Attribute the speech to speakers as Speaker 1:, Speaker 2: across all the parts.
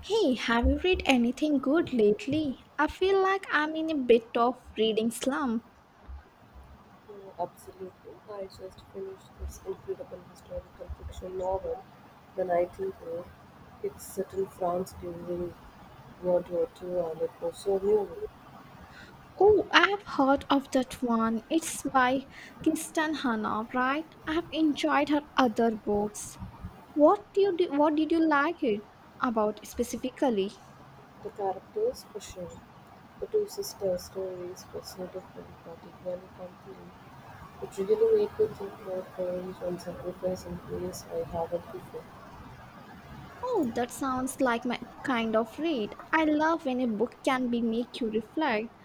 Speaker 1: Hey, have you read anything good lately? I feel like I'm in a bit of reading slump.
Speaker 2: Absolutely. I just finished this incredible historical fiction novel, The Nightingale. It's set in France during World War II and it was so new.
Speaker 1: Oh, I have heard of that one. It's by Kirsten Hanna, right? I have enjoyed her other books. What do you do, what did you like it about specifically?
Speaker 2: The characters were shared. The two sisters' stories were so different but equally compelling. It really made me think about courage and sacrifice in ways I haven't before.
Speaker 1: Oh, that sounds like my kind of read. I love when a book can be make you reflect.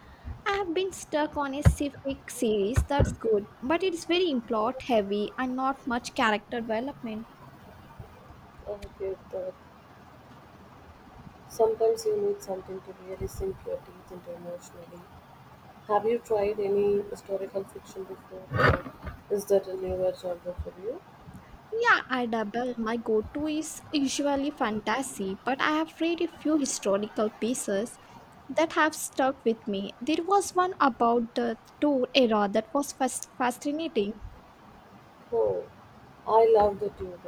Speaker 1: I have been stuck on a civic series that's good, but it's very plot heavy and not much character development.
Speaker 2: I get that sometimes you need something to really sink your teeth into emotionally. Have you tried any historical fiction before, or is that a newer genre for you?
Speaker 1: Yeah, I double. My go to is usually fantasy, but I have read a few historical pieces that have stuck with me. There was one about the Tour era that was fascinating.
Speaker 2: Oh, I love the Tudors.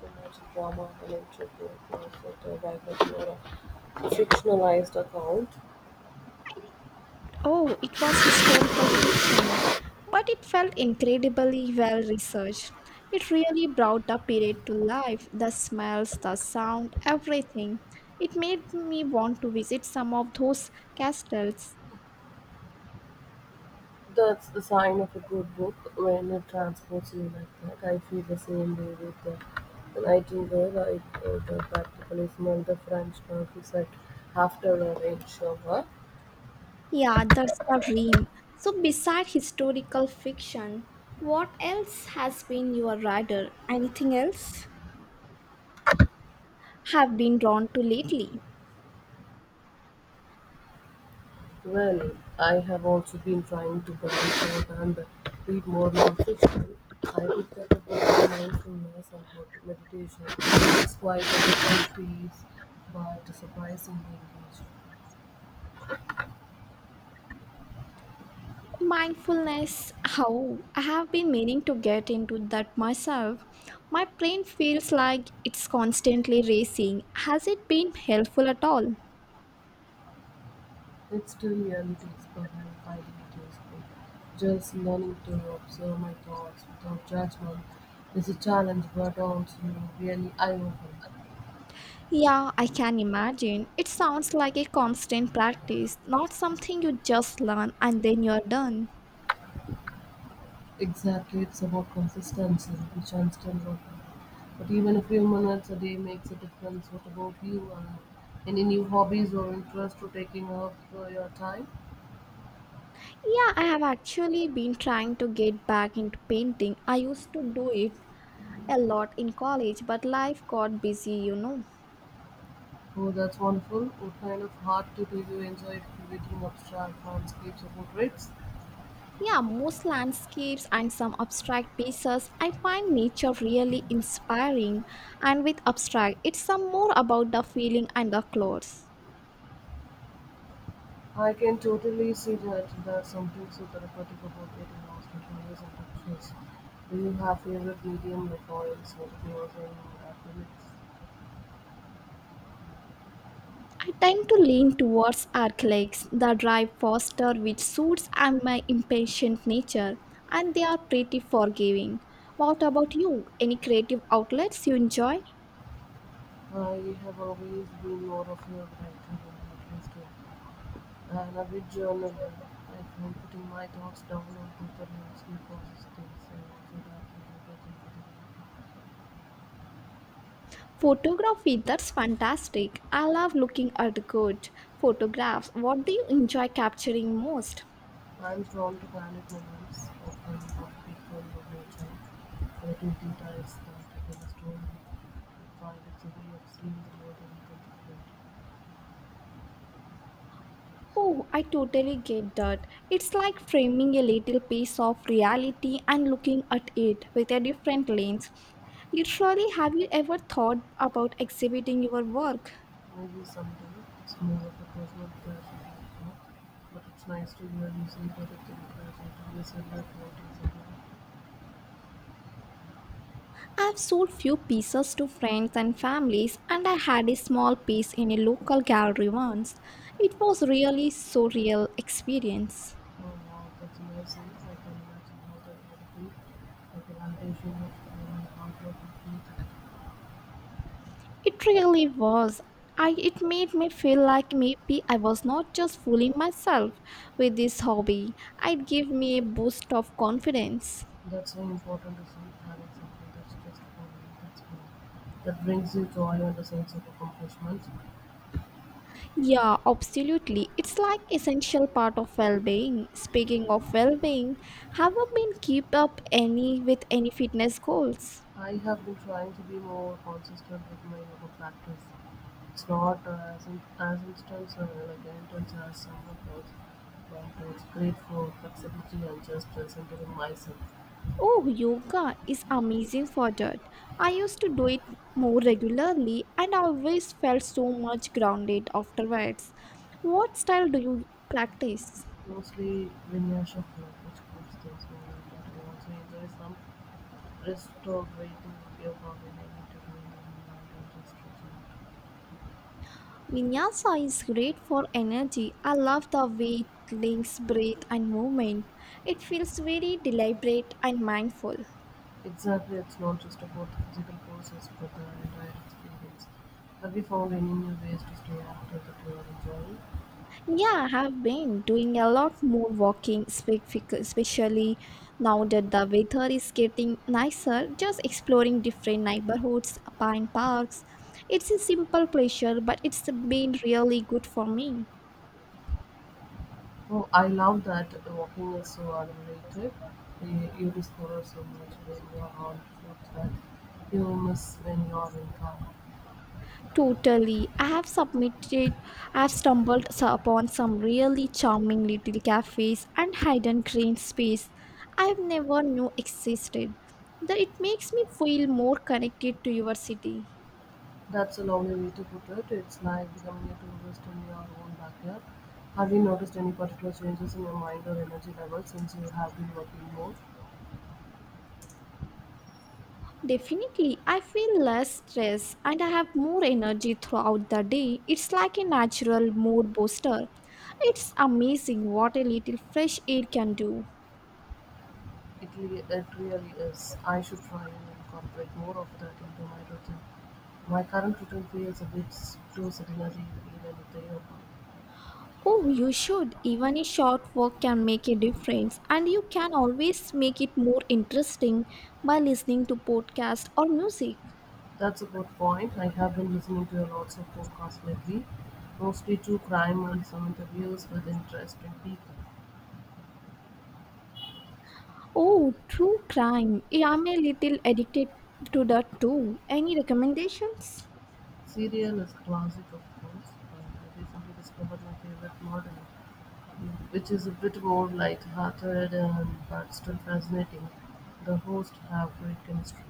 Speaker 2: So much drama and intrigue. I set a biography or a fictionalized account.
Speaker 1: Oh, it was historical fiction, but it felt incredibly well researched. It really brought the period to life the smells, the sound, everything. It made me want to visit some of those castles.
Speaker 2: That's a sign of a good book when it transports you like that. I feel the same way with the Nightingale. I the practically smell the French countryside after a rain shower.
Speaker 1: Yeah, that's the dream. So, beside historical fiction, what else has been your rider? Anything else have been drawn to lately?
Speaker 2: Well, I have also been trying to branch out and read more non I picked up a book on mindfulness and meditation. It's quite a different piece, but surprisingly engaging.
Speaker 1: Mindfulness, how I have been meaning to get into that myself. My brain feels like it's constantly racing. Has it been helpful at all?
Speaker 2: It still really takes a while finding it useful. Just learning to observe my thoughts without judgment is a challenge, but also really eye-opening.
Speaker 1: Yeah, I can imagine. It sounds like a constant practice, not something you just learn and then you're done.
Speaker 2: Exactly, it's about consistency, which I'm still working on. But even a few minutes a day makes a difference. What about you? Any new hobbies or interests to taking up your time?
Speaker 1: Yeah, I have actually been trying to get back into painting. I used to do it a lot in college, but life got busy.
Speaker 2: Oh, that's wonderful. What kind of art do you enjoy creating abstract landscapes or portraits?
Speaker 1: Yeah, most landscapes and some abstract pieces. I find nature really inspiring, and with abstract, it's some more about the feeling and the clothes.
Speaker 2: I can totally see that there's something so therapeutic about getting lost in colors and textures. Do you have favorite medium like oils, watercolors, and acrylics?
Speaker 1: I tend to lean towards acrylics that drive faster, which suits and my impatient nature, and they are pretty forgiving. What about you? Any creative outlets you enjoy?
Speaker 2: I have always been more of a writer than a thinker. An avid journaler, I find putting my thoughts down on paper helps me process things and also that people get into the
Speaker 1: Photography, that's fantastic. I love looking at good photographs. What do you enjoy capturing most?
Speaker 2: I am drawn to panic moments, often of people or nature, little details that tell a story. I find it's a way of seeing the world in a different way.
Speaker 1: Oh, I totally get that. It's like framing a little piece of reality and looking at it with a different lens. Literally, have you ever thought about exhibiting your work?
Speaker 2: Maybe someday it's more of a personal pleasure than a but it's nice to hear you say that it encourages you to listen to what is around.
Speaker 1: I've sold few pieces to friends and families, and I had a small piece in a local gallery once. It was really surreal experience.
Speaker 2: Oh wow, that's amazing. I can imagine how that would be. Like an unleashing of outward completely.
Speaker 1: It really was. It made me feel like maybe I was not just fooling myself with this hobby. It gave me a boost of confidence.
Speaker 2: That's so important to see having something that's just for me, that's for That brings you joy and a sense of accomplishment.
Speaker 1: Yeah, absolutely. It's like essential part of well-being. Speaking of well-being, have you been keep up any with any fitness goals?
Speaker 2: I have been trying to be more consistent with my yoga practice. It's not as, in, as instance like intense as someone else, but it's great for flexibility and just centering myself.
Speaker 1: Oh, yoga is amazing for that. I used to do it more regularly and I always felt so much grounded afterwards. What style do you practice?
Speaker 2: Mostly linear shuffler, which keeps things moving, but I also enjoy some restorative yoga when I need to remember my attention stretching.
Speaker 1: Vinyasa is great for energy. I love the way it links breath and movement. It feels very deliberate and mindful.
Speaker 2: Exactly, it's not just about the physical process, but the entire experience. Have you found any new ways to stay active that you are enjoying?
Speaker 1: Yeah, I have been doing a lot more walking, especially now that the weather is getting nicer. Just exploring different neighborhoods, pine parks. It's a simple pleasure, but it's been really good for me.
Speaker 2: Oh, I love that walking is so underrated. You discover so much when you are on foot that you miss when you are in car.
Speaker 1: Totally. I have stumbled upon some really charming little cafes and hidden green space I've never knew existed. That it makes me feel more connected to your city.
Speaker 2: That's a lovely way to put it. It's like becoming a tourist in your own backyard. Have you noticed any particular changes in your mind or energy level since you have been working more?
Speaker 1: Definitely, I feel less stress and I have more energy throughout the day. It's like a natural mood booster. It's amazing what a little fresh air can do.
Speaker 2: It, it really is. I should try and incorporate more of that into my routine. My current routine feels a bit too sedentary even if they are.
Speaker 1: Oh, you should. Even a short walk can make a difference, and you can always make it more interesting by listening to podcast or music.
Speaker 2: That's a good point. I have been listening to lots of podcasts lately, mostly to crime and some interviews with interesting people.
Speaker 1: Oh, true crime. Yeah, I'm a little addicted to that too. Any recommendations?
Speaker 2: Serial is classic of course, and I recently discovered my favorite model, which is a bit more light-hearted and but still fascinating. The hosts have great chemistry.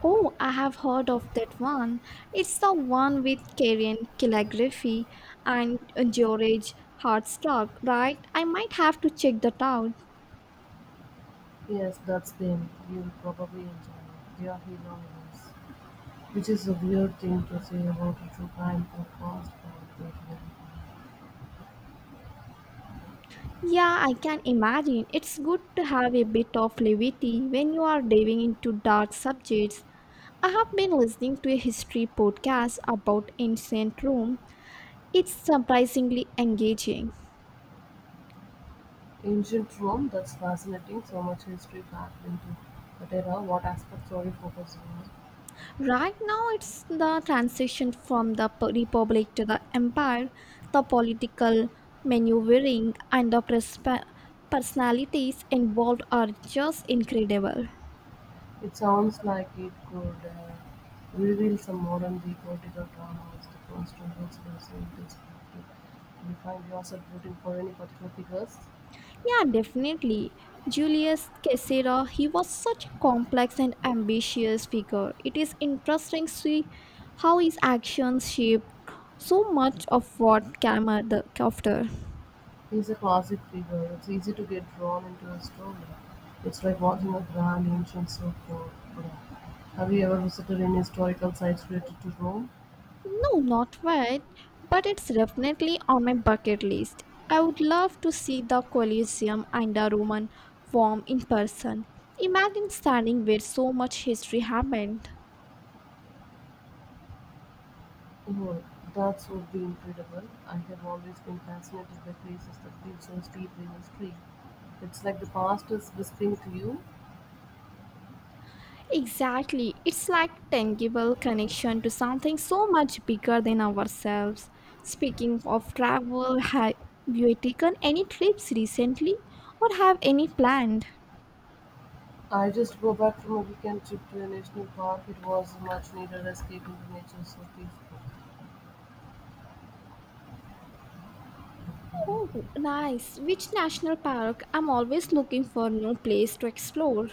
Speaker 1: Oh, I have heard of that one. It's the one with Karen calligraphy and George Hartstock, right? I might have to check that out.
Speaker 2: Yes, that's them. You'll probably enjoy it. They are hilarious, which is a weird thing to say about a true crime podcast, but they really are.
Speaker 1: Yeah, I can imagine. It's good to have a bit of levity when you are diving into dark subjects. I have been listening to a history podcast about ancient Rome. It's surprisingly engaging.
Speaker 2: Ancient Rome, that's fascinating. So much history packed into that era. What aspects are you focusing on?
Speaker 1: Right now, it's the transition from the republic to the empire, the political maneuvering, and the personalities involved are just incredible.
Speaker 2: It sounds like it could reveal some modern-day political drama as the constituents losing perspective. You find yourself rooting for any particular figures.
Speaker 1: Yeah, definitely. Julius Caesar, he was such a complex and ambitious figure. It is interesting to see how his actions shaped so much of what came after.
Speaker 2: He's a classic figure. It's easy to get drawn into a story. It's like watching a grand ancient soap opera. Have you ever visited any historical sites related to Rome?
Speaker 1: No, not yet, but it's definitely on my bucket list. I would love to see the Colosseum and the Roman Forum in person. Imagine standing where so much history happened.
Speaker 2: Oh, that would be incredible. I have always been fascinated by places that feel so steeply in history. It's like the past is whispering to you.
Speaker 1: Exactly, it's like tangible connection to something so much bigger than ourselves. Speaking of travel, have you taken any trips recently or have any planned?
Speaker 2: I just go back from a weekend trip to a national park. It was a much needed escape into nature so peaceful.
Speaker 1: Oh, nice. Which national park? I'm always looking for new place to explore.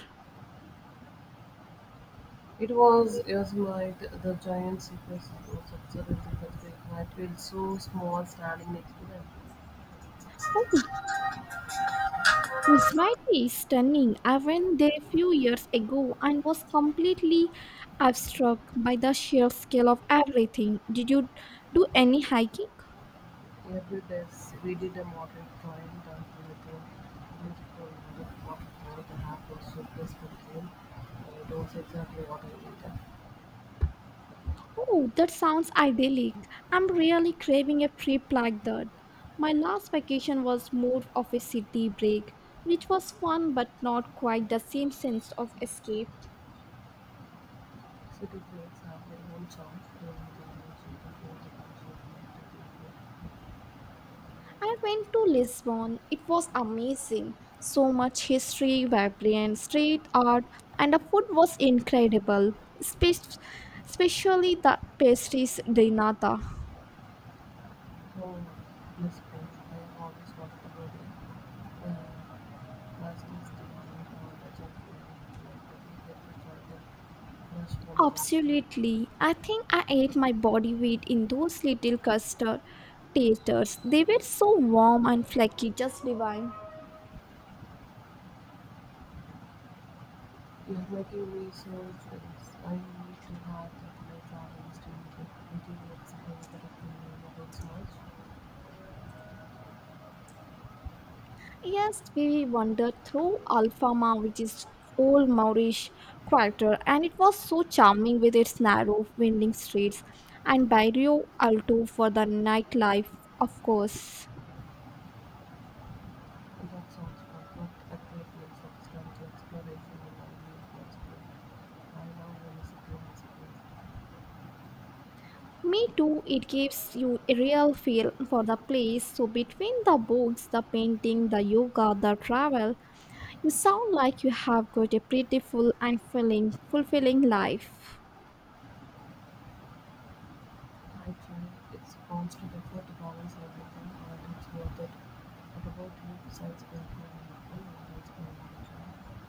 Speaker 2: It was Yosemite, the giant sequoias was absolutely breathtaking. I feel so small standing next to them.
Speaker 1: Oh, Yosemite is stunning. I went there a few years ago and was completely struck by the sheer scale of everything. Did you do any hiking?
Speaker 2: Every day we did a moderate climb down to the thing. Beautiful with waterfall. The half was so peaceful came. I don't say exactly what I needed.
Speaker 1: Oh, that sounds idyllic. I'm really craving a trip like that. My last vacation was more of a city break, which was fun but not quite the same sense of escape.
Speaker 2: City breaks have their own charm. They are the the most beautiful.
Speaker 1: I went to Lisbon. It was amazing. So much history, vibrant street art, and the food was incredible, Spe- especially the pastries de nata.
Speaker 2: So, this paint I always compatible with plasticity and counter-jet flash monobacter.
Speaker 1: Absolutely. I think I ate my body weight in those little custard taters. They were so warm and flaky, just divine.
Speaker 2: You're making me so jealous. I need to have that my travel is doing it. Making me excited that I can learn about so much.
Speaker 1: Yes, we wandered through Alfama, which is old Moorish quarter, and it was so charming with its narrow, winding streets, and Barrio Alto for the nightlife, of course.
Speaker 2: And that sounds fun, but a great mix of strategy, exploration, and ideas for spring. I now want to see the city has spring.
Speaker 1: Me too, it gives you a real feel for the place. So, between the books, the painting, the yoga, the travel, you sound like you have got a pretty fulfilling life.
Speaker 2: Actually, it wants to defer performance everything or it's worth it. What About you besides being programmable, what else can I mention?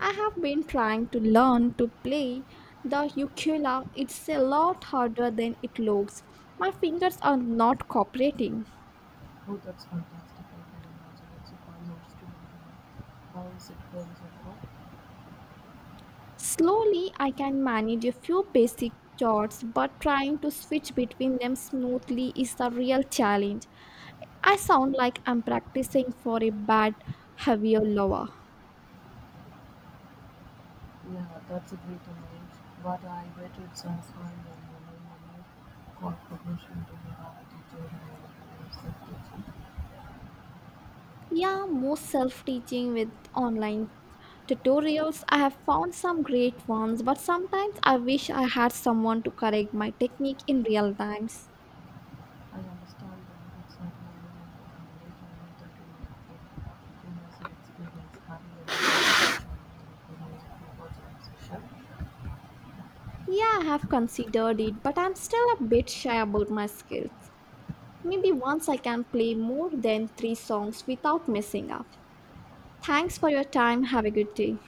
Speaker 1: I have been trying to learn to play the ukulele. It's a lot harder than it looks. My fingers are not cooperating.
Speaker 2: Oh, that's fantastic. I can imagine it's a fun notes to remember. How is it going so far?
Speaker 1: Slowly, I can manage a few basic chords, but trying to switch between them smoothly is the real challenge. I sound like I'm practicing for a bad heavier lover.
Speaker 2: Yeah, that's a great image, but I bet it's as high as the money, corporation to have a teacher and a safety
Speaker 1: Yeah, most self teaching with online tutorials. I have found some great ones, but sometimes I wish I had someone to correct my technique in real times.
Speaker 2: I understand that that's not normal and the combination of the two gives us experience having a different
Speaker 1: Yeah, I have considered it, but I'm still a bit shy about my skills. Maybe once I can play more than three songs without messing up. Thanks for your time. Have a good day.